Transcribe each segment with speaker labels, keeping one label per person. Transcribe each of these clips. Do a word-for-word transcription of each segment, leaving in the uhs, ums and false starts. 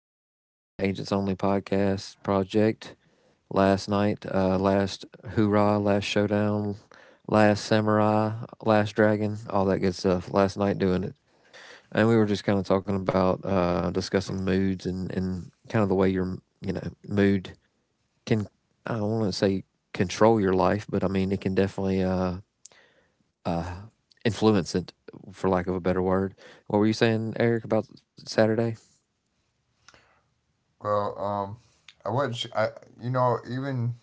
Speaker 1: Matt back again, Agents Only Podcast Project. Last night, uh, last hoorah, last showdown, last samurai, last dragon, all that good stuff. Last night doing it. And we were just kind of talking about uh, discussing moods and, and kind of the way your you know mood can I don't want to say control your life, but I mean it can definitely uh, uh, influence it, for lack of a better word. What were you saying, Eric, about Saturday?
Speaker 2: Well, um, I wouldn't. S- I you know even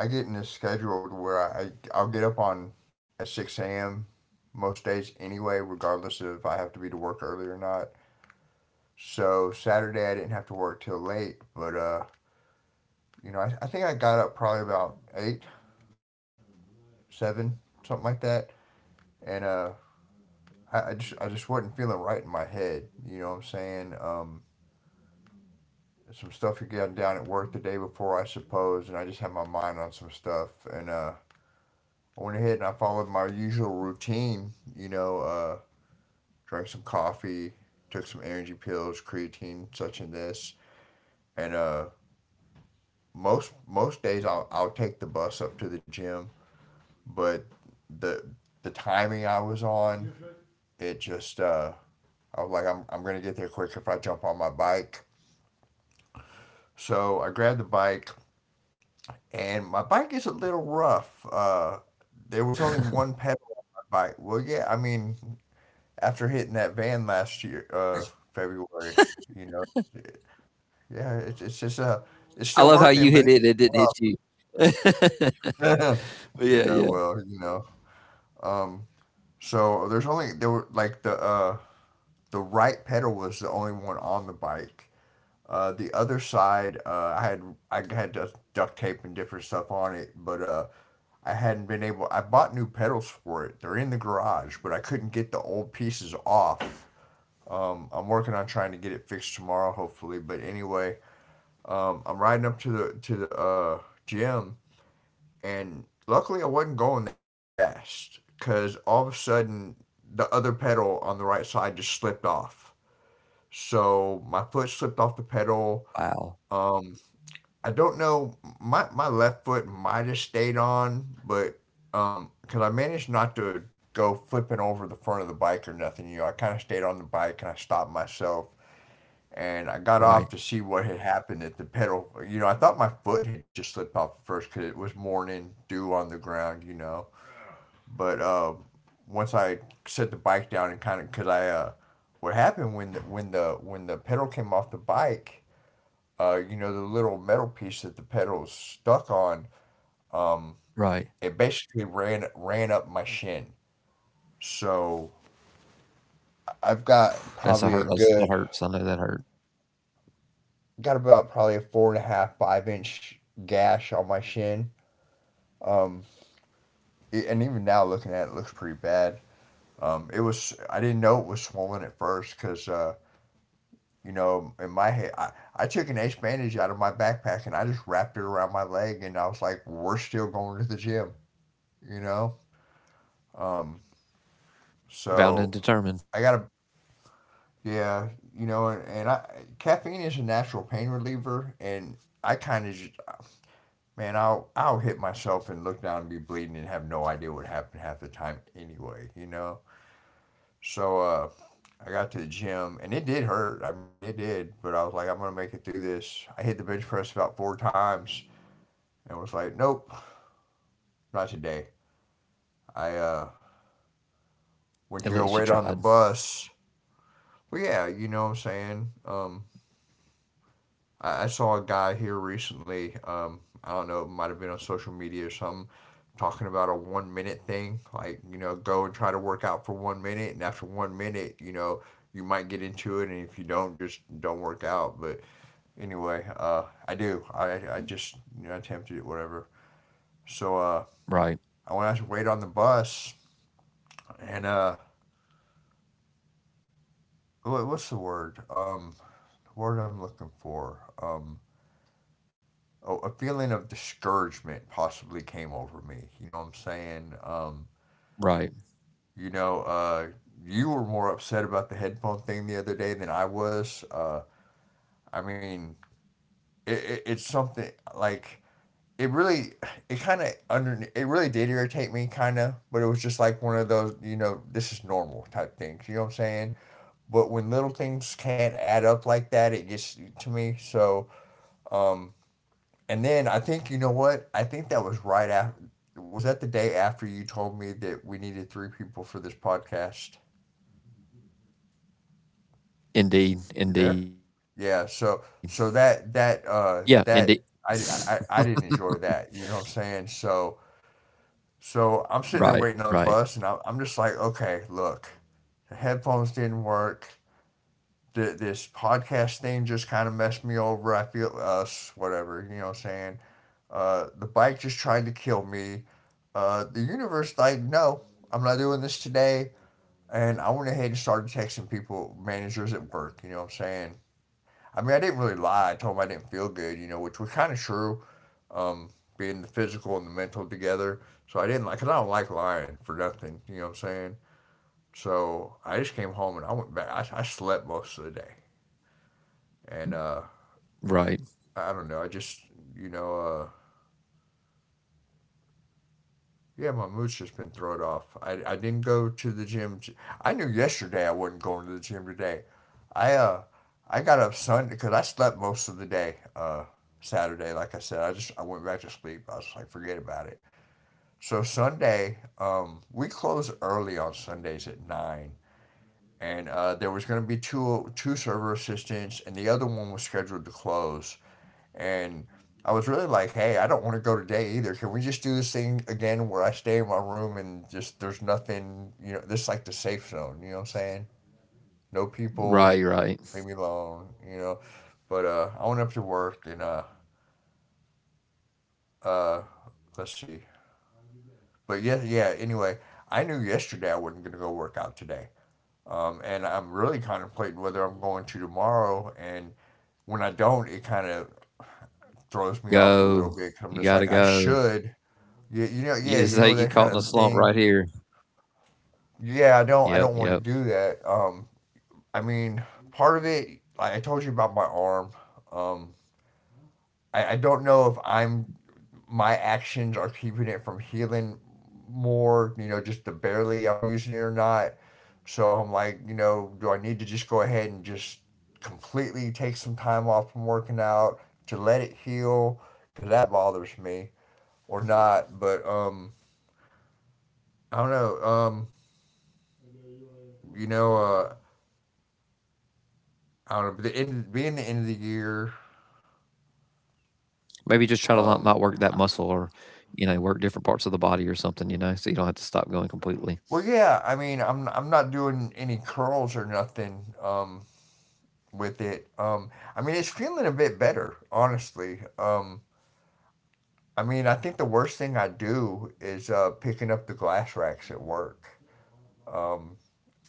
Speaker 2: I get in this schedule where I I'll get up on at six a m most days anyway, regardless if I have to be to work early or not. So Saturday I didn't have to work till late, but uh, you know I, I think I got up probably about eight, seven, something like that, and uh, I, I just I just wasn't feeling right in my head. You know what I'm saying? Um, some stuff had gotten down at work the day before, I suppose, and I just had my mind on some stuff, and uh I went ahead and I followed my usual routine. you know, uh, Drank some coffee, took some energy pills, creatine, such and this. And uh, most most days I'll, I'll take the bus up to the gym, but the the timing I was on, it just uh, I was like, I'm I'm gonna get there quick if I jump on my bike. So I grabbed the bike, and my bike is a little rough. Uh, there was only one pedal bike. Well, yeah, I mean, after hitting that van last year, uh, February. You know, yeah, it's it's just uh, it's
Speaker 1: I
Speaker 2: still
Speaker 1: love how you
Speaker 2: working, but
Speaker 1: hit it;
Speaker 2: it's
Speaker 1: it didn't hit you. But
Speaker 2: rough.
Speaker 1: yeah,
Speaker 2: Yeah,
Speaker 1: yeah.
Speaker 2: well, you know, um, so there's only there were like the uh the right pedal was the only one on the bike. Uh, the other side, uh, I had I had duct duct tape and different stuff on it, but uh, I hadn't been able. I bought new pedals for it. They're in the garage, but I couldn't get the old pieces off. Um, I'm working on trying to get it fixed tomorrow, hopefully. But anyway, um, I'm riding up to the to the uh, gym, and luckily I wasn't going that fast because all of a sudden the other pedal on the right side just slipped off. So my foot slipped off the pedal.
Speaker 1: Wow.
Speaker 2: Um, I don't know. My my left foot might have stayed on, but um, because I managed not to go flipping over the front of the bike or nothing. You know, I kind of stayed on the bike and I stopped myself and I got off
Speaker 1: Right.
Speaker 2: to see what had happened at the pedal. You know, I thought my foot had just slipped off at first because it was morning dew on the ground, you know. But um, once I set the bike down and kind of, because I, uh, what happened when the, when the when the pedal came off the bike, uh, you know, the little metal piece that the pedal is stuck on,
Speaker 1: Right.
Speaker 2: it basically ran ran up my shin. So I've got
Speaker 1: That's a
Speaker 2: probably a
Speaker 1: hurt. That's, that
Speaker 2: good,
Speaker 1: hurts. I know that hurt.
Speaker 2: got about probably a four and a half, five inch gash on my shin. Um, it, and even now looking at it, it looks pretty bad. Um, it was I didn't know it was swollen at first because uh, you know, in my head, I, I took an ace bandage out of my backpack and I just wrapped it around my leg and I was like, we're still going to the gym, you know. um,
Speaker 1: Bound and
Speaker 2: so
Speaker 1: determined.
Speaker 2: I gotta yeah you know and, and I caffeine is a natural pain reliever, and I kind of just, man, I'll I'll hit myself and look down and be bleeding and have no idea what happened half the time anyway, you know. So uh, I got to the gym and it did hurt. I mean, it did, but I was like, I'm going to make it through this. I hit the bench press about four times and was like, nope, not today. I uh, went to
Speaker 1: At
Speaker 2: go
Speaker 1: least you
Speaker 2: wait on the
Speaker 1: tried.
Speaker 2: bus. But yeah, you know what I'm saying? Um, I, I saw a guy here recently. Um, I don't know, it might have been on social media or something, talking about a one minute thing. Like, you know, go and try to work out for one minute. And after one minute, you know, you might get into it. And if you don't, just don't work out. But anyway. Uh, I do. I, I just you know, attempted it, whatever. So uh,
Speaker 1: Right.
Speaker 2: I went out to wait on the bus, and uh, what's the word? Um, the word I'm looking for. Um, oh, a feeling of discouragement possibly came over me. You know what I'm saying? Um,
Speaker 1: Right.
Speaker 2: you know, uh, you were more upset about the headphone thing the other day than I was. Uh, I mean, it, it, it's something like it really it kind of under it really did irritate me, kind of, but it was just like one of those, you know this is normal type things, you know what I'm saying? But when little things can't add up like that, it gets to me. So um and then I think, you know what, I think that was right after. Was that the day after you told me that we needed three people for this podcast?
Speaker 1: Indeed.
Speaker 2: You
Speaker 1: Indeed.
Speaker 2: there? Yeah, so
Speaker 1: Yeah.
Speaker 2: so
Speaker 1: Indeed.
Speaker 2: that that uh that I, I i didn't enjoy that, you know what I'm saying? So,
Speaker 1: Right.
Speaker 2: so
Speaker 1: Right.
Speaker 2: I'm sitting there waiting on the bus, and I'm, I'm just like, okay, look, the headphones didn't work. The this podcast thing just kind of messed me over. I feel us, whatever, you know what I'm saying? Uh, the bike just tried to kill me. Uh, the universe, like, no, I'm not doing this today. And I went ahead and started texting people, managers at work, you know what I'm saying? I mean, I didn't really lie. I told them I didn't feel good, you know, which was kind of true, um, being the physical and the mental together. So I didn't like, cause I don't like lying for nothing. You know what I'm saying? So I just came home and I went back. I, I slept most of the day, and uh,
Speaker 1: Right.
Speaker 2: I don't know. I just, you know, uh, yeah, my mood's just been thrown off. I, I didn't go to the gym. I knew yesterday I wasn't going to the gym today. I uh, I got up Sunday because I slept most of the day. Uh, Saturday, like I said, I just I went back to sleep. I was like, forget about it. So Sunday, um, we close early on Sundays at nine, and uh, there was going to be two two server assistants, and the other one was scheduled to close. And I was really like, hey, I don't want to go today either. Can we just do this thing again where I stay in my room and just there's nothing, you know, this is like the safe zone. You know what I'm saying? No people,
Speaker 1: Right. Right.
Speaker 2: leave me alone. You know, but uh, I went up to work and uh, uh, let's see. But yeah, yeah. Anyway, I knew yesterday I wasn't gonna go work out today. Um, and I'm really contemplating whether I'm going to tomorrow. And when I don't, it kind of throws me off a little
Speaker 1: Go.
Speaker 2: bit. i I'm
Speaker 1: You
Speaker 2: just like,
Speaker 1: gotta
Speaker 2: I
Speaker 1: go.
Speaker 2: should, yeah, you know, yeah, you
Speaker 1: You,
Speaker 2: know,
Speaker 1: this is
Speaker 2: that
Speaker 1: how you
Speaker 2: kind
Speaker 1: get
Speaker 2: of
Speaker 1: caught in a
Speaker 2: thing.
Speaker 1: slump right here.
Speaker 2: Yeah, I don't, I don't want to
Speaker 1: Yep.
Speaker 2: do
Speaker 1: Yep.
Speaker 2: that. Um, I mean, part of it, like I told you about my arm. Um, I, I don't know if I'm my actions are keeping it from healing more, you know, just the barely I'm using it or not. So I'm like, you know, do I need to just go ahead and just completely take some time off from working out to let it heal? Because that bothers me or not. But um, I don't know. Um, you know, uh, I don't know. The end being the end of the year.
Speaker 1: Maybe just try to not, not
Speaker 2: Um,
Speaker 1: work that muscle, or, you know, work different parts of the body or something, you know, so you don't have to stop going completely.
Speaker 2: well, yeah. I mean, I'm I'm not doing any curls or nothing. Um, with it. Um, I mean, it's feeling a bit better, honestly. Um, I mean, I think the worst thing I do is uh, picking up the glass racks at work. Um,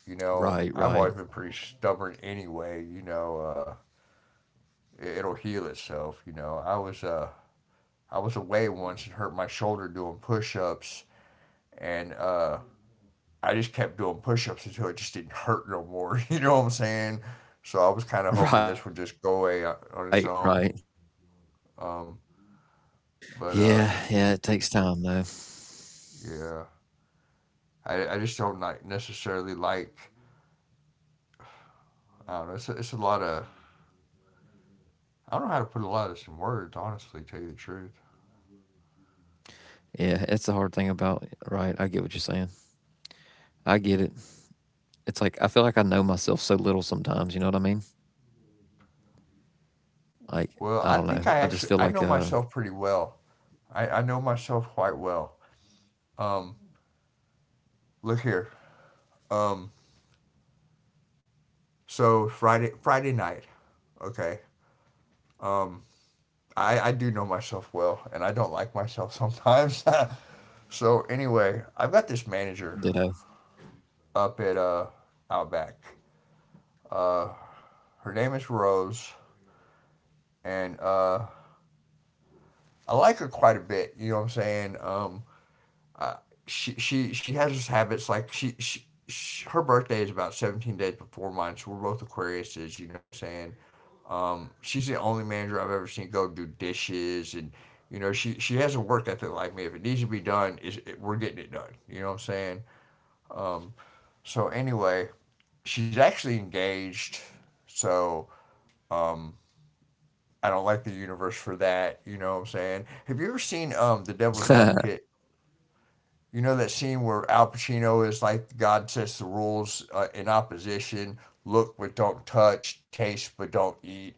Speaker 2: you know, I've
Speaker 1: Right,
Speaker 2: always been
Speaker 1: right.
Speaker 2: pretty stubborn anyway. You know, uh, it, it'll heal itself. You know, I was uh, I was away once and hurt my shoulder doing push-ups, and uh, I just kept doing push-ups until it just didn't hurt no more. You know what I'm saying? So I was kind of hoping this
Speaker 1: Right,
Speaker 2: would just
Speaker 1: right.
Speaker 2: go away, uh, on its own. Um, but uh,
Speaker 1: Yeah, yeah, it takes time, though.
Speaker 2: Yeah, I, I just don't like necessarily, like, I don't know. It's a, it's a lot of, I don't know how to put a lot of this in words. Honestly, tell you the truth.
Speaker 1: Yeah, it's the hard thing about right, I get what you're saying. I get it. It's like, I feel like I know myself so little sometimes, you know what I mean? Like, I don't know. I
Speaker 2: Well,
Speaker 1: just
Speaker 2: I
Speaker 1: feel
Speaker 2: think
Speaker 1: like,
Speaker 2: I
Speaker 1: uh,
Speaker 2: actually, I know myself pretty well. I, I know myself quite well. Um, Look here. Um, so Friday Friday night, okay. Um, I I do know myself well, and I don't like myself sometimes. So anyway, I've got this manager
Speaker 1: ditto.
Speaker 2: up at uh Outback. Her name is Rose, and uh I like her quite a bit. You know what I'm saying? Um, she she she has those habits like she she. sh- her birthday is about seventeen days before mine, so we're both Aquariuses, you know what I'm saying? Um, she's the only manager I've ever seen go do dishes, and, you know, she, she has a work ethic like me. If it needs to be done, is it, we're getting it done, you know what I'm saying? So, anyway, she's actually engaged, so I don't like the universe for that, you know what I'm saying? Have you ever seen um, The Devil's Advocate? You know that scene where Al Pacino is like, God sets the rules uh, in opposition, look but don't touch, taste but don't eat.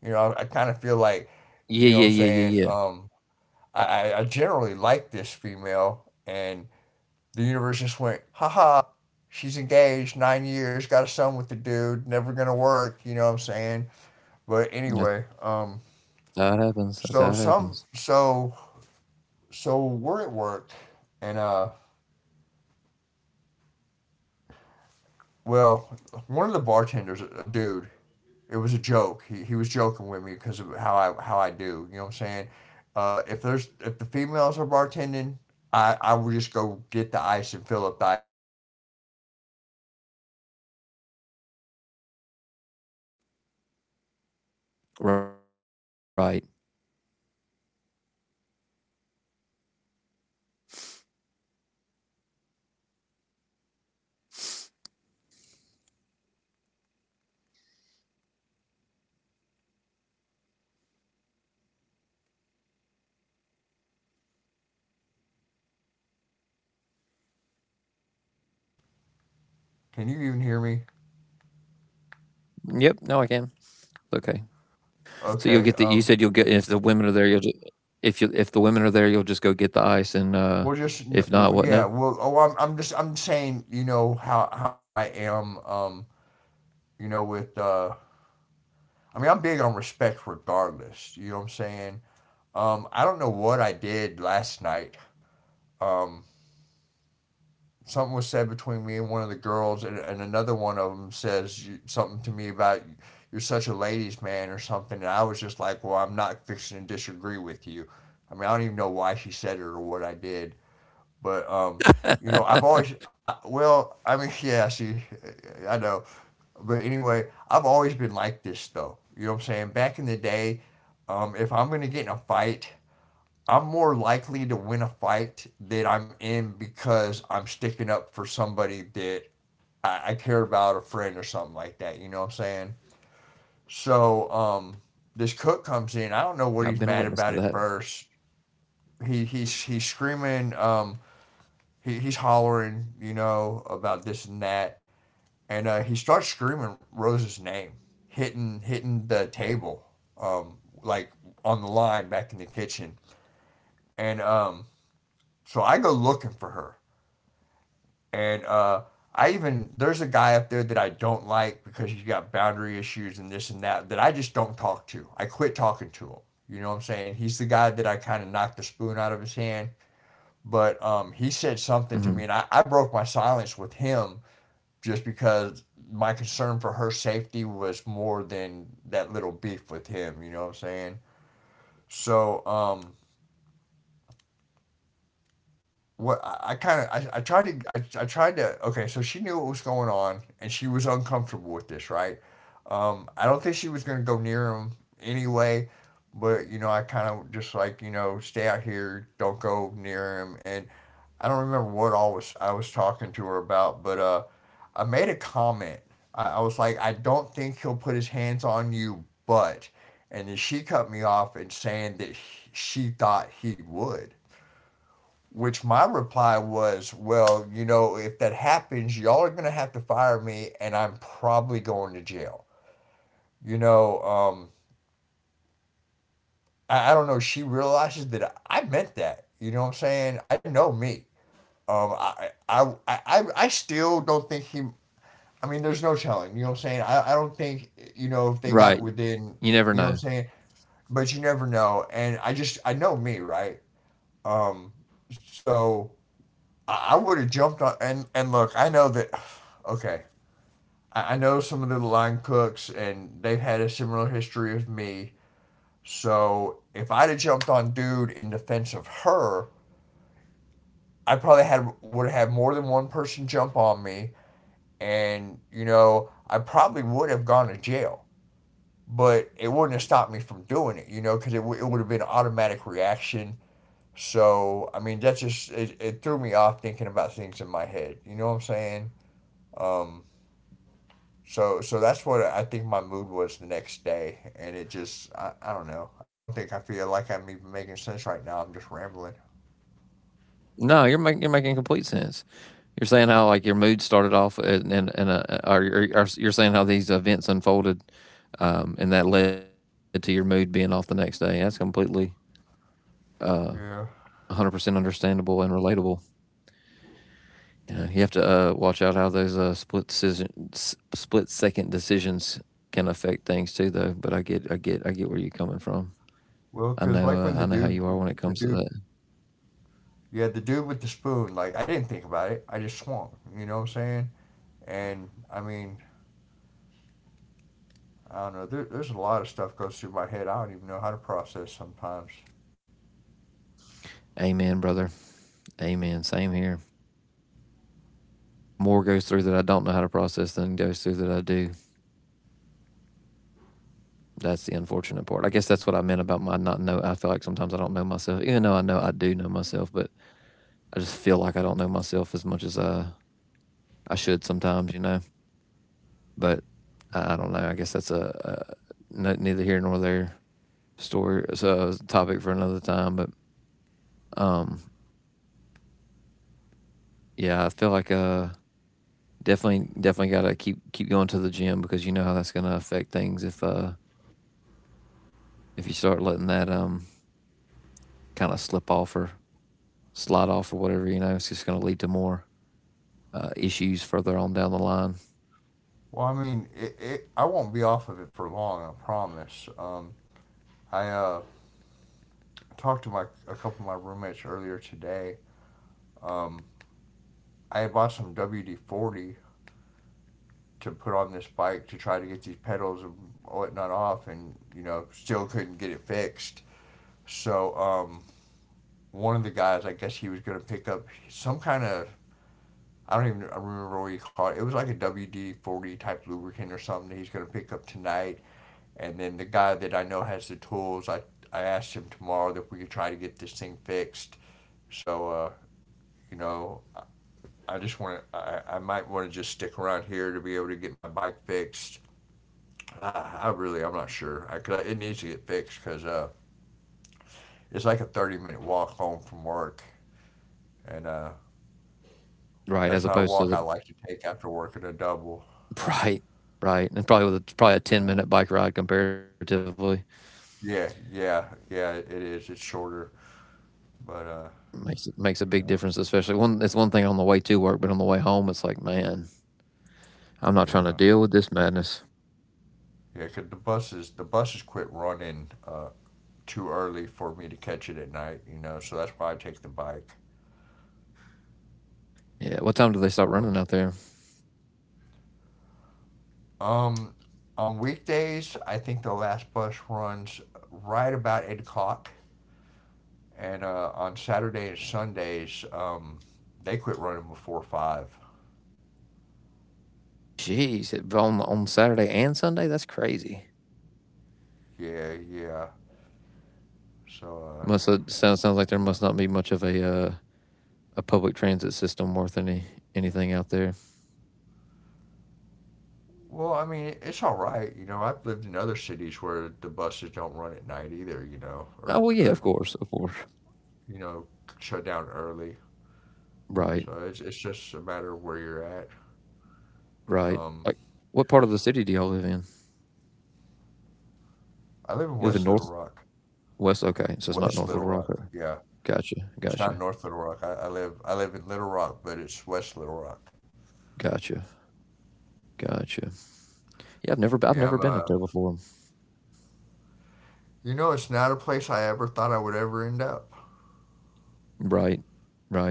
Speaker 2: You know, I, I kind of feel like,
Speaker 1: Yeah,
Speaker 2: you know what
Speaker 1: yeah,
Speaker 2: I'm
Speaker 1: yeah,
Speaker 2: saying?
Speaker 1: yeah,
Speaker 2: Um, I, I I generally like this female, and the universe just went, haha, she's engaged, nine years, got a son with the dude, never gonna work, you know what I'm saying? But anyway,
Speaker 1: yeah. That's how
Speaker 2: um,
Speaker 1: it happens, that's how it happens.
Speaker 2: so some, so, so we're at work, and uh, well, one of the bartenders, a dude, it was a joke. He, he was joking with me because of how I how I do. You know what I'm saying? Uh, if there's if the females are bartending, I I would just go get the ice and fill up the ice at the bar for them. You know what I'm saying? And uh, J T, I don't do it for, and he realizes this, and he just messes with me about it. He
Speaker 1: Right.
Speaker 2: says I'm sexist, but uh, anyway, um, so one of the cooks comes in, and um, he's mad about something. Are you there? Okay, so can you even hear me?
Speaker 1: Yep, no, I can. Okay. So you'll
Speaker 2: Okay,
Speaker 1: get the you
Speaker 2: um,
Speaker 1: said you'll get if the women are there, you'll ju if you if the women are there, you'll just go get the ice and, uh,
Speaker 2: we'll just n-
Speaker 1: if not,
Speaker 2: w-
Speaker 1: what
Speaker 2: yeah,
Speaker 1: now?
Speaker 2: well, oh, I'm I'm just I'm saying, you know how how I am, um, you know, with uh, I mean, I'm big on respect regardless. You know what I'm saying? Um, I don't know what I did last night. Um, something was said between me and one of the girls, and, and another one of them says you- something to me about you're such a ladies' man or something, and I was just like, well, I'm not fixing to disagree with you. I mean, I don't even know why she said it or what I did. But um, you know, I've always, I, well, I mean, yeah, see, I know, but anyway, I've always been like this though. You know what I'm saying? Back in the day, um, if I'm gonna get in a fight, I'm more likely to win a fight that I'm in because I'm sticking up for somebody that I, I care about, a friend or something like that. You know what I'm saying? So um, this cook comes in. I don't know what
Speaker 1: I've
Speaker 2: he's
Speaker 1: been a
Speaker 2: mad
Speaker 1: witness to
Speaker 2: about at
Speaker 1: that.
Speaker 2: first. He he's he's screaming. Um, he, he's hollering, you know, about this and that, and uh, he starts screaming Rose's name, hitting hitting the table, um, like on the line back in the kitchen, and um, so I go looking for her, and uh, I even there's a guy up there that I don't like because he's got boundary issues and this and that that I just don't talk to. I quit talking to him. You know what I'm saying? He's the guy that I kind of knocked the spoon out of his hand. But um, he said something to me,
Speaker 1: Hmm.
Speaker 2: and I, I broke my silence with him just because my concern for her safety was more than that little beef with him. You know what I'm saying? So um, what I, I kind of I, I tried to I, I tried to okay. So she knew what was going on and she was uncomfortable with this, right? Um, I don't think she was gonna go near him anyway, but you know I kind of just like, you know, stay out here, don't go near him, and I don't remember what all was I was talking to her about, but uh I made a comment. I, I was like, I don't think he'll put his hands on you, but. And then she cut me off and saying that she thought he would. Which my reply was, well, you know, if that happens, y'all are gonna have to fire me, and I'm probably going to jail. You know, um, I, I don't know. She realizes that I meant that. You know what I'm saying? I know me. Um, I, I, I, I still don't think he, I mean, there's no telling. You know what I'm saying? I, I don't think, you know, if they got
Speaker 1: Right.
Speaker 2: within,
Speaker 1: You never
Speaker 2: you know
Speaker 1: know.
Speaker 2: what I'm saying? But you never know. And I just, I know me, right? Um, so I, I would have jumped on, and, and look, I know that, okay, I, I know some of the line cooks and they've had a similar history with me. So if I'd have jumped on dude in defense of her, I probably had would have more than one person jump on me, and you know I probably would have gone to jail, but it wouldn't have stopped me from doing it, you know, because it, w- it would have been an automatic reaction. So, I mean, that just, it, it threw me off thinking about things in my head. You know what I'm saying? Um, so, so that's what I think my mood was the next day. And it just, I, I don't know. I don't think, I feel like I'm even making sense right now. I'm just rambling.
Speaker 1: No, you're making you're making complete sense. You're saying how like your mood started off, and and, and uh, or, or, or you're saying how these events unfolded, um, and that led to your mood being off the next day. That's completely uh,
Speaker 2: Yeah.
Speaker 1: one hundred percent understandable and relatable. You know, you have to uh, watch out how those uh, split decision, s- split second decisions can affect things too, though. But I get, I get, I get where you're coming from.
Speaker 2: Well,
Speaker 1: I
Speaker 2: because
Speaker 1: know,
Speaker 2: like when
Speaker 1: uh, I
Speaker 2: the
Speaker 1: know how
Speaker 2: dude,
Speaker 1: you are when it
Speaker 2: the
Speaker 1: comes to
Speaker 2: dude,
Speaker 1: that.
Speaker 2: yeah, the dude with the spoon, like I didn't think about it. I just swung. You know what I'm saying? And I mean, I don't know. There, there's a lot of stuff goes through my head. I don't even know how to process sometimes.
Speaker 1: Amen, brother. Amen. Same here. More goes through that I don't know how to process than goes through that I do. That's the unfortunate part. I guess that's what I meant about my not know. I feel like sometimes I don't know myself, even though I know I do know myself, but I just feel like I don't know myself as much as I, I should sometimes, you know. But I, I don't know. I guess that's a, a no, neither here nor there story, so a topic for another time. But um, yeah, I feel like uh, definitely, definitely gotta keep keep going to the gym because you know how that's gonna affect things if uh if you start letting that um kind of slip off or slide off or whatever, you know, it's just going to lead to more uh, issues further on down the line,
Speaker 2: Well, I mean, it, it, I won't be off of it for long. I promise. Um, I uh, talked to my a couple of my roommates earlier today. I had bought some W D forty to put on this bike to try to get these pedals and whatnot off, and you know, still couldn't get it fixed. So um, one of the guys, I guess he was going to pick up some kind of, I don't even I remember what he called it. It was like a W D forty type lubricant or something that he's going to pick up tonight. And then the guy that I know has the tools, I, I asked him tomorrow if we could try to get this thing fixed. So, uh, you know, I- I just want to, I, I might want to just stick around here to be able to get my bike fixed. Uh, I really, I'm not sure. I, cause I, it needs to get fixed because uh, it's like a thirty minute walk home from work. And uh,
Speaker 1: right?
Speaker 2: that's
Speaker 1: As
Speaker 2: not a
Speaker 1: opposed to
Speaker 2: walk I
Speaker 1: the
Speaker 2: like to take after work at a double.
Speaker 1: right, right, and probably with a, probably a
Speaker 2: You
Speaker 1: ten
Speaker 2: know?
Speaker 1: minute bike ride comparatively
Speaker 2: Yeah, yeah, yeah, it is. It's shorter, but uh,
Speaker 1: makes makes a
Speaker 2: you
Speaker 1: big
Speaker 2: know,
Speaker 1: difference, especially one. It's one thing on the way to work, but on the way home, it's like, man, I'm not trying to
Speaker 2: yeah,
Speaker 1: deal with this madness.
Speaker 2: yeah, 'cause the buses, the buses quit running uh too early for me to catch it at night, you know, so that's why I take the bike.
Speaker 1: Yeah, what time do they start running
Speaker 2: Um,
Speaker 1: out there?
Speaker 2: um, on weekdays, I think the last bus runs right about eight o'clock, and uh, on Saturday and Sundays, um, they quit running before five.
Speaker 1: Jeez, it, on on Saturday and Sunday, that's crazy.
Speaker 2: Yeah, yeah. So,
Speaker 1: Must
Speaker 2: uh,
Speaker 1: sounds sounds like there must
Speaker 2: you
Speaker 1: not
Speaker 2: know.
Speaker 1: be much of a uh, a public transit system worth any anything out there.
Speaker 2: Well, I mean, it's all right. You know, I've lived in other cities where the buses don't run at night either. You know,
Speaker 1: Oh
Speaker 2: or
Speaker 1: well, yeah, of
Speaker 2: or
Speaker 1: course, of course.
Speaker 2: you know, shut down early.
Speaker 1: Right,
Speaker 2: So it's it's just a matter of where you're at.
Speaker 1: right.
Speaker 2: Um,
Speaker 1: Like, what part of the city do y'all live in?
Speaker 2: I live in
Speaker 1: You live in
Speaker 2: West Little
Speaker 1: Northwest?
Speaker 2: Rock.
Speaker 1: Okay, so it's not
Speaker 2: West
Speaker 1: North
Speaker 2: Little
Speaker 1: Little Rock.
Speaker 2: Rock.
Speaker 1: Okay.
Speaker 2: Yeah,
Speaker 1: Gotcha,
Speaker 2: it's not
Speaker 1: gotcha,
Speaker 2: North Little Rock. I, I live I live in Little Rock, but it's West Little Rock.
Speaker 1: gotcha, gotcha. Yeah, I've never b I've
Speaker 2: Yeah, I'm
Speaker 1: never
Speaker 2: uh
Speaker 1: been up there before.
Speaker 2: You know, it's not a place I ever thought I would ever end up.
Speaker 1: Right, right.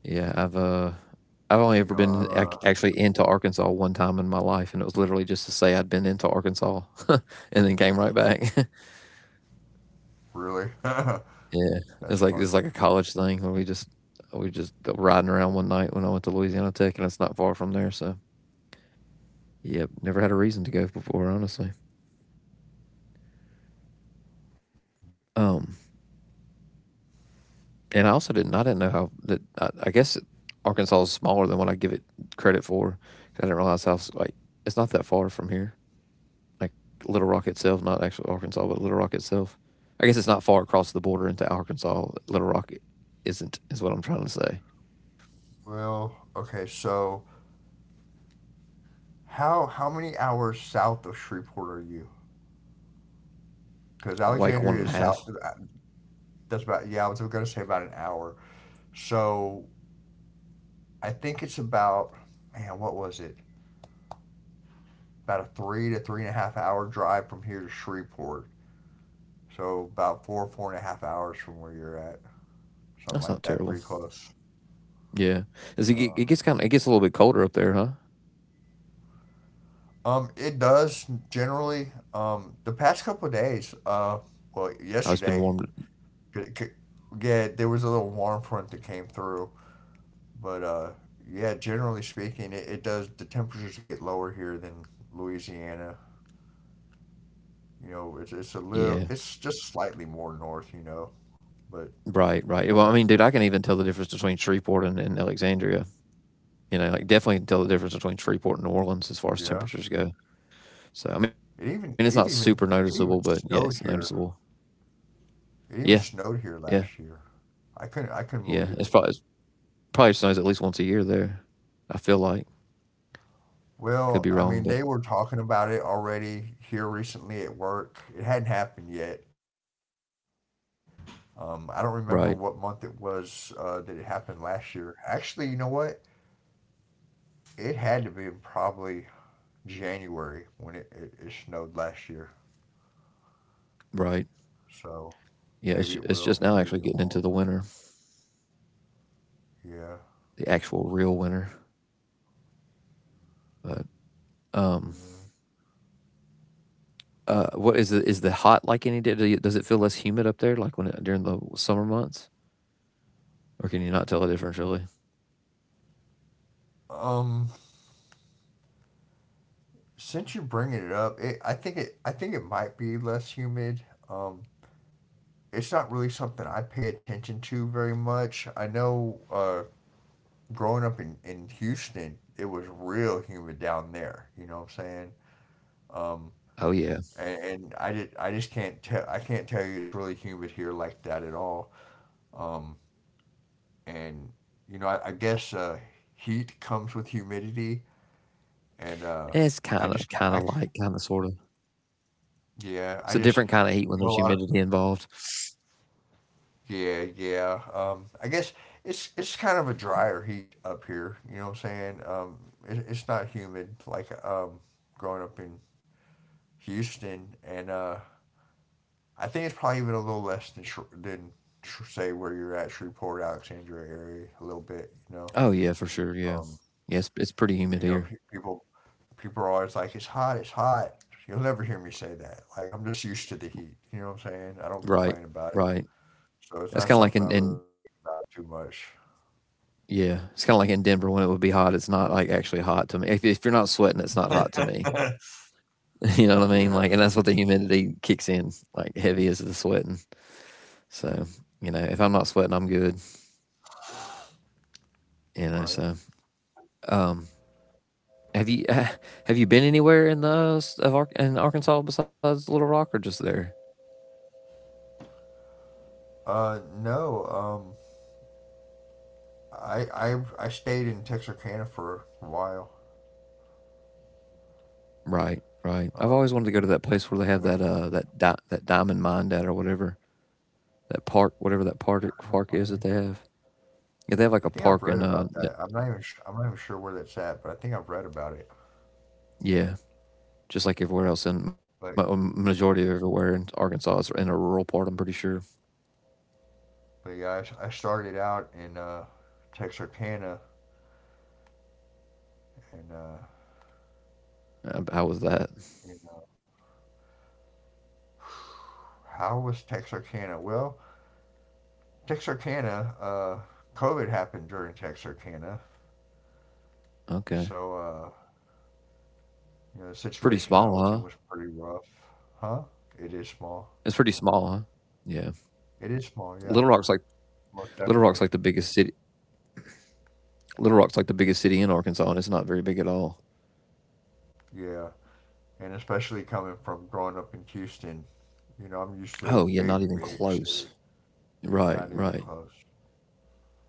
Speaker 1: Yeah, I've, uh, I've only
Speaker 2: You
Speaker 1: ever
Speaker 2: know,
Speaker 1: been
Speaker 2: I'm
Speaker 1: ac
Speaker 2: uh
Speaker 1: actually into Arkansas one time in my life, and it was literally just to say I'd been into Arkansas and then came right back.
Speaker 2: Really? That's
Speaker 1: Yeah, it's like
Speaker 2: funny.
Speaker 1: it's like a college thing where we just we just riding around one night when I went to Louisiana Tech, and it's not far from there, so yep, never had a reason to go before, honestly. Um, and I also didn't. I didn't know how that. I, I guess Arkansas is smaller than what I give it credit for, 'cause I didn't realize how like it's not that far from here. Like Little Rock itself, not actually Arkansas, but Little Rock itself. I guess it's not far across the border into Arkansas. Little Rock isn't is what I'm trying to say.
Speaker 2: Well, okay, so. How how many hours south of Shreveport are you? Because
Speaker 1: Like one and a
Speaker 2: Alexandria
Speaker 1: half.
Speaker 2: is south. That's about, yeah. I was going to say about an hour. So I think it's about, man, what was it? About a three to three and a half hour drive from here to Shreveport. So about four four and a half hours from where you're at, something
Speaker 1: That's not
Speaker 2: like that.
Speaker 1: terrible.
Speaker 2: Pretty close.
Speaker 1: Yeah, does it, get-
Speaker 2: No.
Speaker 1: it gets kind of it gets a little bit colder up there, huh?
Speaker 2: Um, it does generally. Um, the past couple of days. Uh, well,
Speaker 1: Oh, it's been
Speaker 2: yesterday.
Speaker 1: warm.
Speaker 2: c- c- Yeah, there was a little warm front that came through, but uh, yeah, generally speaking, it, it does. The temperatures get lower here than Louisiana. You know, it's it's a little,
Speaker 1: Yeah,
Speaker 2: it's just slightly more north. You know, but
Speaker 1: right, right.
Speaker 2: yeah,
Speaker 1: Well, I mean, dude, I can even tell the difference between Shreveport and, and Alexandria. You know, like definitely can tell the difference between Shreveport and New Orleans
Speaker 2: yeah.
Speaker 1: as far as temperatures go.
Speaker 2: It
Speaker 1: So, I
Speaker 2: even
Speaker 1: mean, it's
Speaker 2: it
Speaker 1: not
Speaker 2: even
Speaker 1: super
Speaker 2: it
Speaker 1: noticeable,
Speaker 2: even
Speaker 1: but yeah,
Speaker 2: snowed
Speaker 1: it's
Speaker 2: here.
Speaker 1: noticeable.
Speaker 2: It even
Speaker 1: Yeah,
Speaker 2: snowed here
Speaker 1: yeah,
Speaker 2: last year. I couldn't I couldn't
Speaker 1: yeah.
Speaker 2: believe
Speaker 1: It's
Speaker 2: it.
Speaker 1: probably it's probably snows at least once a year there. I feel like could
Speaker 2: Well,
Speaker 1: be
Speaker 2: I mean,
Speaker 1: wrong,
Speaker 2: they
Speaker 1: but
Speaker 2: were talking about it already here recently at work. It hadn't happened yet. Um, I don't remember what month it
Speaker 1: right,
Speaker 2: was uh, that it happened last year. Actually, you know what? It had to be probably January when it, it, it snowed last year.
Speaker 1: right.
Speaker 2: So
Speaker 1: Yeah,
Speaker 2: maybe it
Speaker 1: it's
Speaker 2: will,
Speaker 1: it's just
Speaker 2: maybe
Speaker 1: now
Speaker 2: it
Speaker 1: actually getting
Speaker 2: won't.
Speaker 1: into the winter,
Speaker 2: Yeah.
Speaker 1: the actual real winter. But um, uh, what is the is the hot like any day? Do you- does it feel less humid up there, like when it, during the summer months, or can you not tell the difference really?
Speaker 2: Um, since you're bringing it up, it, I think it I think it might be less humid. Um, it's not really something I pay attention to very much. I know uh, growing up in, in Houston, it was real humid down there. You know what I'm saying? Um,
Speaker 1: Oh yeah,
Speaker 2: and, and I did I just can't tell I can't tell you it's really humid here like that at all. Um. and you know I, I guess uh, heat comes with humidity, and uh,
Speaker 1: it's
Speaker 2: I
Speaker 1: kind of
Speaker 2: just
Speaker 1: kind
Speaker 2: I
Speaker 1: of like kind of sort of.
Speaker 2: yeah
Speaker 1: It's a
Speaker 2: I just
Speaker 1: different kind of heat when
Speaker 2: you know,
Speaker 1: there's
Speaker 2: a lot of,
Speaker 1: humidity involved.
Speaker 2: yeah yeah um, I guess it's it's kind of a drier heat up here. You know what I'm saying? Um, it, it's not humid like um, growing up in Houston, and uh, I think it's probably even a little less than Sh- than Sh- say where you're at, Shreveport, Alexandria area, a little bit. You know.
Speaker 1: Oh yeah, for sure. Yeah,
Speaker 2: Um,
Speaker 1: yeah. It's, it's pretty humid
Speaker 2: You know,
Speaker 1: here.
Speaker 2: pe- people people are always like, "It's hot, it's hot." You'll never hear me say that. Like I'm just used to the heat. You know what I'm saying? I don't
Speaker 1: Right,
Speaker 2: complain about it,
Speaker 1: right.
Speaker 2: so it's
Speaker 1: It's
Speaker 2: not
Speaker 1: kind of like
Speaker 2: something I
Speaker 1: in,
Speaker 2: really
Speaker 1: in
Speaker 2: think about too much.
Speaker 1: yeah, it's kind of like in Denver when it would be hot. It's not like actually hot to me. If if you're not sweating, it's not hot to me. You know what I mean?
Speaker 2: Yeah,
Speaker 1: Like, and that's what the humidity kicks in like heavy as the sweating. So you know, if I'm not sweating, I'm good. You know,
Speaker 2: right.
Speaker 1: so um, have you uh, have you been anywhere in the of Ar- in Arkansas besides Little Rock or just there?
Speaker 2: Uh, no. Um, I I I stayed in Texarkana for a while.
Speaker 1: Right, right. I've
Speaker 2: Um,
Speaker 1: always wanted to go to that place where they have
Speaker 2: where, where
Speaker 1: that uh that di- that diamond mine at or whatever that park whatever that park
Speaker 2: am
Speaker 1: park is that
Speaker 2: I
Speaker 1: they have. Yeah, they have like a
Speaker 2: I think I've
Speaker 1: park in
Speaker 2: read
Speaker 1: uh
Speaker 2: about
Speaker 1: it-
Speaker 2: that. I'm not even sh- I'm not even sure where that's at, but I think I've read about it.
Speaker 1: yeah, just like everywhere else in ma-
Speaker 2: But
Speaker 1: um, majority of everywhere in Arkansas is in a rural part. I'm pretty sure.
Speaker 2: but yeah, I, I started out in uh Texarkana and uh
Speaker 1: Uh, how was that?
Speaker 2: in uh, how was Texarkana? Well, Texarkana, uh, COVID happened during Texarkana,
Speaker 1: Okay,
Speaker 2: so uh, you know, the
Speaker 1: it's pretty
Speaker 2: situation I
Speaker 1: small,
Speaker 2: was
Speaker 1: huh?
Speaker 2: in was pretty rough. Huh? It is
Speaker 1: It's
Speaker 2: small.
Speaker 1: pretty small, huh? Yeah,
Speaker 2: It is small.
Speaker 1: Little
Speaker 2: Yeah,
Speaker 1: Rock's like
Speaker 2: most
Speaker 1: Little Rock's like
Speaker 2: definitely.
Speaker 1: the biggest city. Little Rock's like the biggest city in Arkansas, and it's not very big at all.
Speaker 2: Yeah, and especially coming from growing up in Houston, you know I'm used to a
Speaker 1: Oh yeah,
Speaker 2: big,
Speaker 1: not even
Speaker 2: big city.
Speaker 1: close.
Speaker 2: Yeah,
Speaker 1: Right,
Speaker 2: not even
Speaker 1: right.
Speaker 2: close.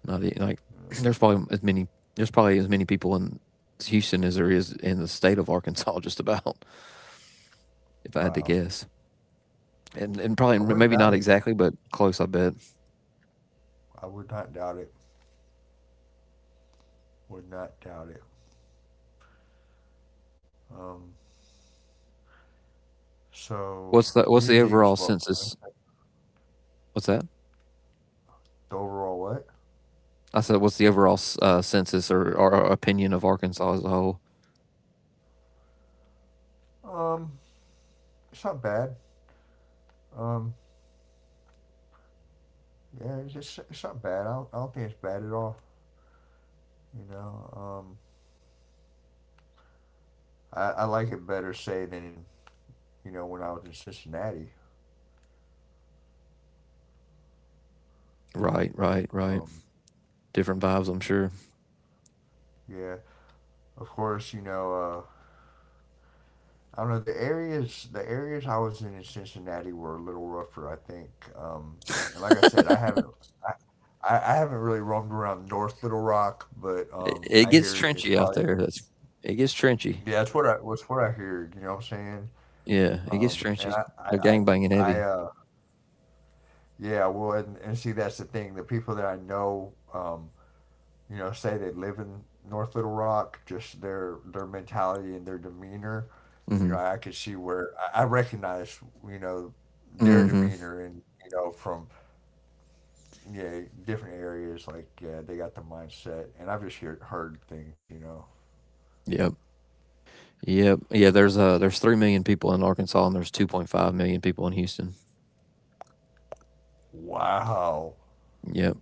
Speaker 1: Not e Like
Speaker 2: You know,
Speaker 1: there's probably as many there's probably as many people in Houston as there is in the state of Arkansas, just about. If I had to
Speaker 2: wow.
Speaker 1: guess, and and probably
Speaker 2: I wouldn't
Speaker 1: maybe
Speaker 2: doubt
Speaker 1: not
Speaker 2: it.
Speaker 1: exactly, but close. I bet.
Speaker 2: I would not doubt it. Would not doubt it. Um, so
Speaker 1: What's the
Speaker 2: New
Speaker 1: what's the
Speaker 2: Year's Eve is
Speaker 1: overall
Speaker 2: what?
Speaker 1: census? What's that?
Speaker 2: The overall what?
Speaker 1: I said, what's the overall s- uh, census, or, or uh, opinion of Arkansas as a whole?
Speaker 2: Um, it's not bad. Um, yeah, it's, it's, it's not bad. I don't, I don't think it's bad at all. You know, um, I, I like it better say than, you know, when I was in Cincinnati.
Speaker 1: Right, right, right.
Speaker 2: Um,
Speaker 1: Different vibes, I'm sure.
Speaker 2: yeah, of course, you know, uh, I don't know the areas. The areas I was in in Cincinnati were a little rougher, I think. Um, and like I said, I haven't, I, I I haven't really roamed around North Little Rock, but
Speaker 1: It,
Speaker 2: um,
Speaker 1: it
Speaker 2: I
Speaker 1: gets
Speaker 2: hear it's
Speaker 1: trenchy out
Speaker 2: probably
Speaker 1: there. That's It gets trenchy.
Speaker 2: yeah, that's what I, that's what I hear. You know what I'm saying?
Speaker 1: Yeah, it gets
Speaker 2: Um, and
Speaker 1: trenchy.
Speaker 2: I, I,
Speaker 1: They're
Speaker 2: I,
Speaker 1: gangbanging
Speaker 2: I
Speaker 1: heavy.
Speaker 2: uh, yeah, well, and, and see, that's the thing. The people that I know, um, you know, say they live in North Little Rock, just their their mentality and their demeanor. You know, I
Speaker 1: Mhm.
Speaker 2: could see where I I recognize, you know, their
Speaker 1: Mhm.
Speaker 2: demeanor, and you know, from yeah different areas. Like yeah, they got the mindset, and I've just hear, heard things. You know,
Speaker 1: Yep. Yep. Yeah, there's, uh there's three million people in Arkansas, and there's two point five million people in Houston.
Speaker 2: wow,
Speaker 1: Yep.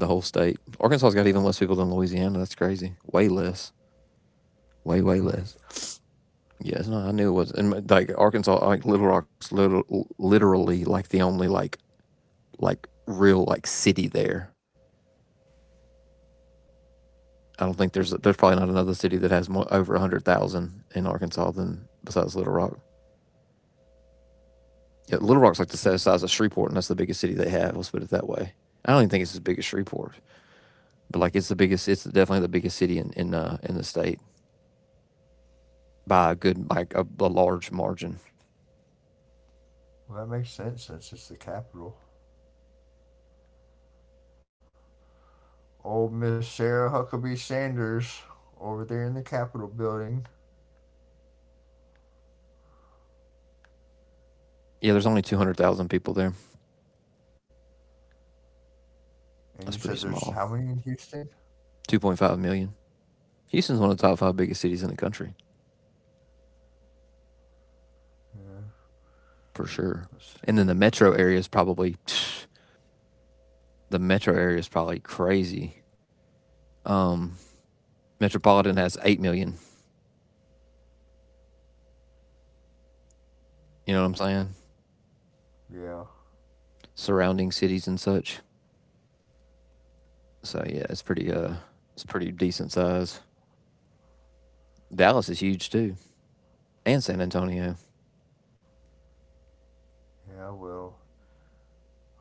Speaker 1: The whole state. Arkansas's got even less people than Louisiana, that's crazy. Way less. Way, way
Speaker 2: really?
Speaker 1: less. Yes, it's I knew it was and, like, Arkansas like, Little Rock's liter literally, like, the only, like like, real, like, city there. I don't think there's there's probably not another city that has more over one hundred thousand in Arkansas than besides Little Rock. Yeah, Little Rock's like the si-
Speaker 2: Hmm.
Speaker 1: size of Shreveport, and that's the biggest city they have. Let's put it that way. I don't even think it's as big as Shreveport, but like it's the biggest. It's definitely the biggest city in in uh, in the state by a good like a, a large margin.
Speaker 2: Well, that makes sense since it's the capital. Old Miss Sarah Huckabee Sanders over there in the Capitol building.
Speaker 1: Yeah, there's only two hundred thousand people there.
Speaker 2: And
Speaker 1: That's
Speaker 2: you
Speaker 1: pretty
Speaker 2: said there's
Speaker 1: small.
Speaker 2: how many in Houston?
Speaker 1: Two point five million. Houston's one of the top five biggest cities in the country
Speaker 2: Yeah,
Speaker 1: for sure.
Speaker 2: let's
Speaker 1: And then
Speaker 2: see.
Speaker 1: the metro area is probably the metro area is probably crazy. Um, Metropolitan has eight million. You know what I'm saying?
Speaker 2: Yeah,
Speaker 1: Surrounding cities and such. So yeah, it's pretty uh it's pretty decent size. Dallas is huge too, and San Antonio,
Speaker 2: yeah, well,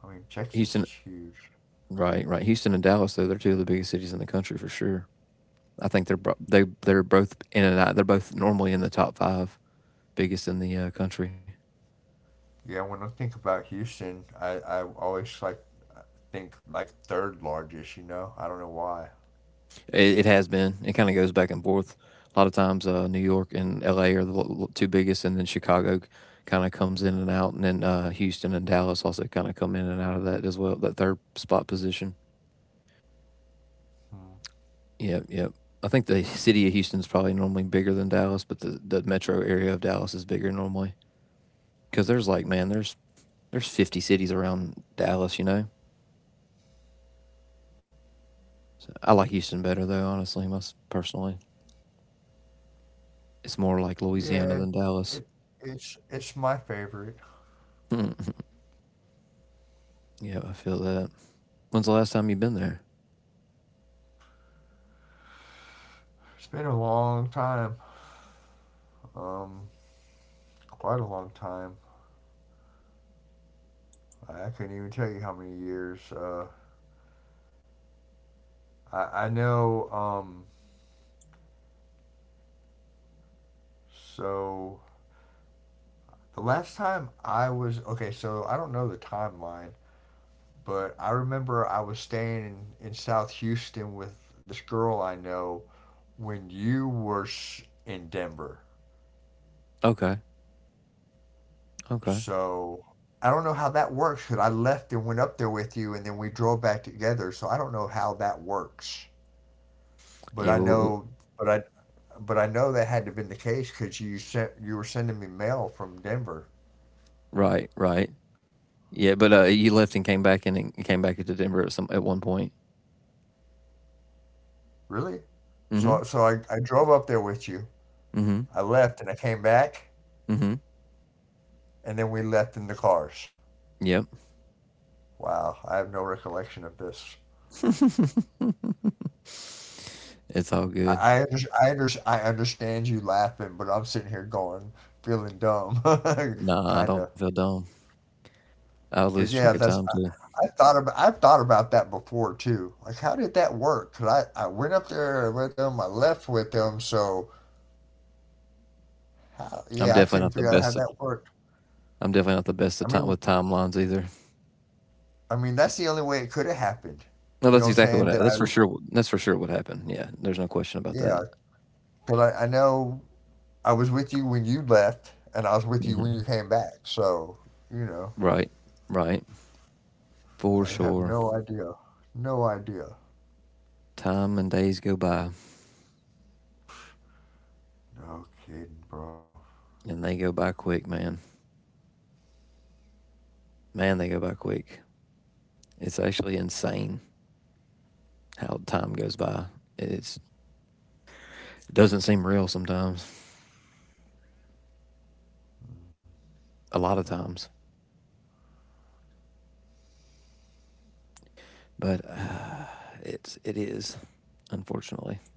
Speaker 2: I mean,
Speaker 1: Houston.
Speaker 2: Texas is huge.
Speaker 1: Right, right. Houston and Dallas, though, they're two of the biggest cities in the country for sure. I think they're bro- they they're both in and out. They're both normally in the top five biggest in the uh, country.
Speaker 2: Yeah, when I think about Houston, I, I always like think like third largest, you know? I don't know why.
Speaker 1: It, it has been. It kind of goes back and forth. A lot of times, uh, New York and L A are the l- two biggest, and then Chicago kind of comes in and out, and then uh, Houston and Dallas also kind of come in and out of that as well. That third spot position.
Speaker 2: Hmm.
Speaker 1: Yep, yep. I think the city of Houston's probably normally bigger than Dallas, but the, the metro area of Dallas is bigger normally because there's like man, there's there's fifty cities around Dallas, you know. So I like Houston better though, honestly, most personally. It's more like Louisiana
Speaker 2: Yeah,
Speaker 1: than Dallas.
Speaker 2: it, it's it's my favorite.
Speaker 1: Mm-hmm. Yeah, I feel that. When's the last time you've been there?
Speaker 2: It's been a long time, um, quite a long time. I, I couldn't even tell you how many years. Uh, I, I know. Um, so the last time I was, okay, so I don't know the timeline, but I remember I was staying in, in South Houston with this girl I know when you were s- in Denver.
Speaker 1: Okay, okay.
Speaker 2: So I don't know how that works because I left and went up there with you, and then we drove back together. So I don't know how that works, but
Speaker 1: Yeah,
Speaker 2: I
Speaker 1: well, w-
Speaker 2: know, but I, but I know that had to have been the case because you sent you were sending me mail from Denver.
Speaker 1: right, right. Yeah, but uh, you left and came back and it- came back to Denver at some at one point.
Speaker 2: Really?
Speaker 1: Mm-hmm.
Speaker 2: So so I, I drove up there with you.
Speaker 1: Mm-hmm.
Speaker 2: I left and I came back,
Speaker 1: Mm-hmm.
Speaker 2: and then we left in the cars.
Speaker 1: Yeah.
Speaker 2: Wow, I have no recollection of this.
Speaker 1: It's all
Speaker 2: I
Speaker 1: good.
Speaker 2: I, under, I, under, I understand you laughing, but I'm sitting here going, feeling dumb,
Speaker 1: Nah, I
Speaker 2: kind
Speaker 1: don't
Speaker 2: of.
Speaker 1: feel dumb. I lose
Speaker 2: But
Speaker 1: track of
Speaker 2: yeah,
Speaker 1: time
Speaker 2: that's,
Speaker 1: too.
Speaker 2: I, I thought about I've thought about that before too. Like, how did that work? 'Cause I I went up there with them, I left with them, so how, yeah,
Speaker 1: I'm
Speaker 2: I couldn't
Speaker 1: definitely not the
Speaker 2: figure out how
Speaker 1: best of.
Speaker 2: that worked.
Speaker 1: I'm definitely not the best of
Speaker 2: I
Speaker 1: time
Speaker 2: mean,
Speaker 1: with timelines either.
Speaker 2: I mean that's the only way it could have happened.
Speaker 1: No,
Speaker 2: You know
Speaker 1: that's
Speaker 2: what I'm
Speaker 1: exactly what.
Speaker 2: saying? That
Speaker 1: I, that's for
Speaker 2: I,
Speaker 1: sure. what- That's for sure what happened. Yeah, there's no question about that.
Speaker 2: yeah, but I, I know I was with you when you left, and I was with you when you
Speaker 1: Hmm.
Speaker 2: came back. So, you know,
Speaker 1: Right, right, for
Speaker 2: I have
Speaker 1: sure.
Speaker 2: no idea. No idea.
Speaker 1: Time and days go by,
Speaker 2: No kidding, bro.
Speaker 1: and they go by quick, man. Man, they go by quick. It's actually insane how time goes by. It's, it doesn't seem real sometimes. A lot of
Speaker 2: No.
Speaker 1: times. But uh, it's it is unfortunately,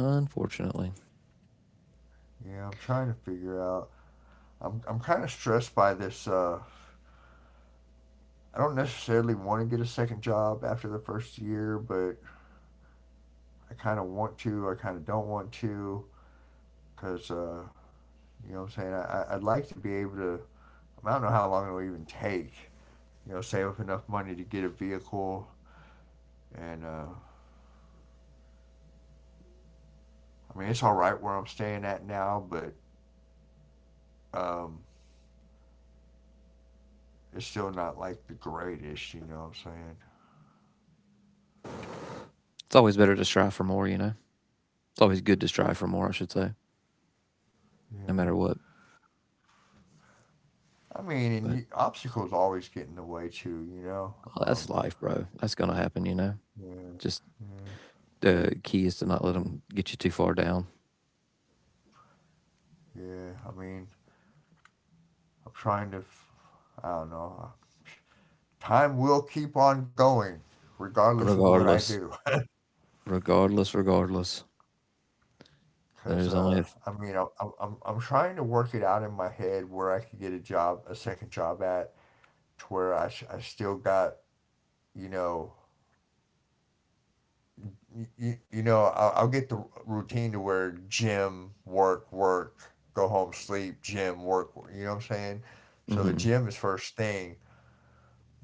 Speaker 1: unfortunately,
Speaker 2: Yeah, I'm trying to figure out. I'm, I'm kind of stressed by this. Uh, I don't necessarily want to get a second job after the first year, but I kind of want to. I kind of don't want to because, uh, you know what I'm saying? I, I- I'd like to be able to. I don't know how long it'll even take. You know, save up enough money to get a vehicle and uh, I mean it's all right where I'm staying at now, but um, it's still not like the greatest. You know what I'm saying?
Speaker 1: it's always better to strive for more. You know, it's always good to strive for more. I should say, no
Speaker 2: Yeah.
Speaker 1: matter what.
Speaker 2: I mean, and
Speaker 1: But
Speaker 2: you, obstacles always get in the way too. You know.
Speaker 1: oh, that's
Speaker 2: Um,
Speaker 1: life, bro. That's gonna happen. You know,
Speaker 2: yeah.
Speaker 1: just
Speaker 2: Yeah.
Speaker 1: the uh, key is to not let them get you too far down.
Speaker 2: Yeah. I mean, I'm trying to. f- I don't know. Time will keep on going, regardless of what I
Speaker 1: Regardless,
Speaker 2: do.
Speaker 1: regardless, regardless,
Speaker 2: Cause
Speaker 1: there's only a
Speaker 2: uh,
Speaker 1: f-
Speaker 2: I mean, I'm, I'm I'm I'm trying to work it out in my head where I could get a job, a second job at, to where I, s- I still got, you know you, you know, I'll, I'll get the routine to where gym, work, work, go home, sleep, gym, work, work, you know what I'm saying? So the
Speaker 1: mhm,
Speaker 2: gym is first thing,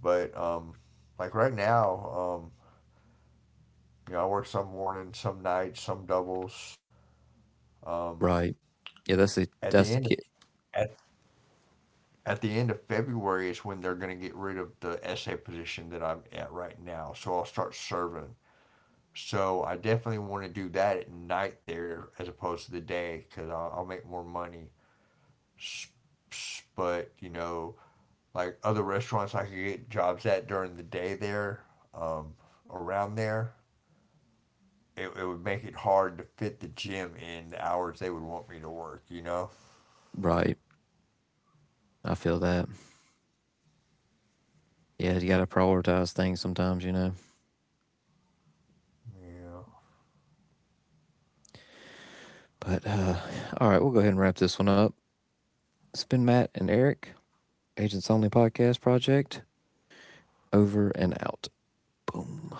Speaker 2: but um, like right now, um, you know, I work some morning, some nights, some doubles. Um,
Speaker 1: right. Yeah, that's the
Speaker 2: at the
Speaker 1: that's the
Speaker 2: end of,
Speaker 1: key.
Speaker 2: at, at the end of February is when they're going to get rid of the essay position that I'm at right now. So I'll start serving. So I definitely want to do that at night there as opposed to the day because I'll, I'll make more money. But you know, like other restaurants I could get jobs at during the day there, um, around there, it, it would make it hard to fit the gym in the hours they would want me to work, you know?
Speaker 1: Right, I feel that. Yeah, you gotta prioritize things sometimes, you know.
Speaker 2: Yeah.
Speaker 1: But uh, all right, we'll go ahead and wrap this one up. It's been Matt and Eric. Agents Only Podcast Project, over and out. Boom.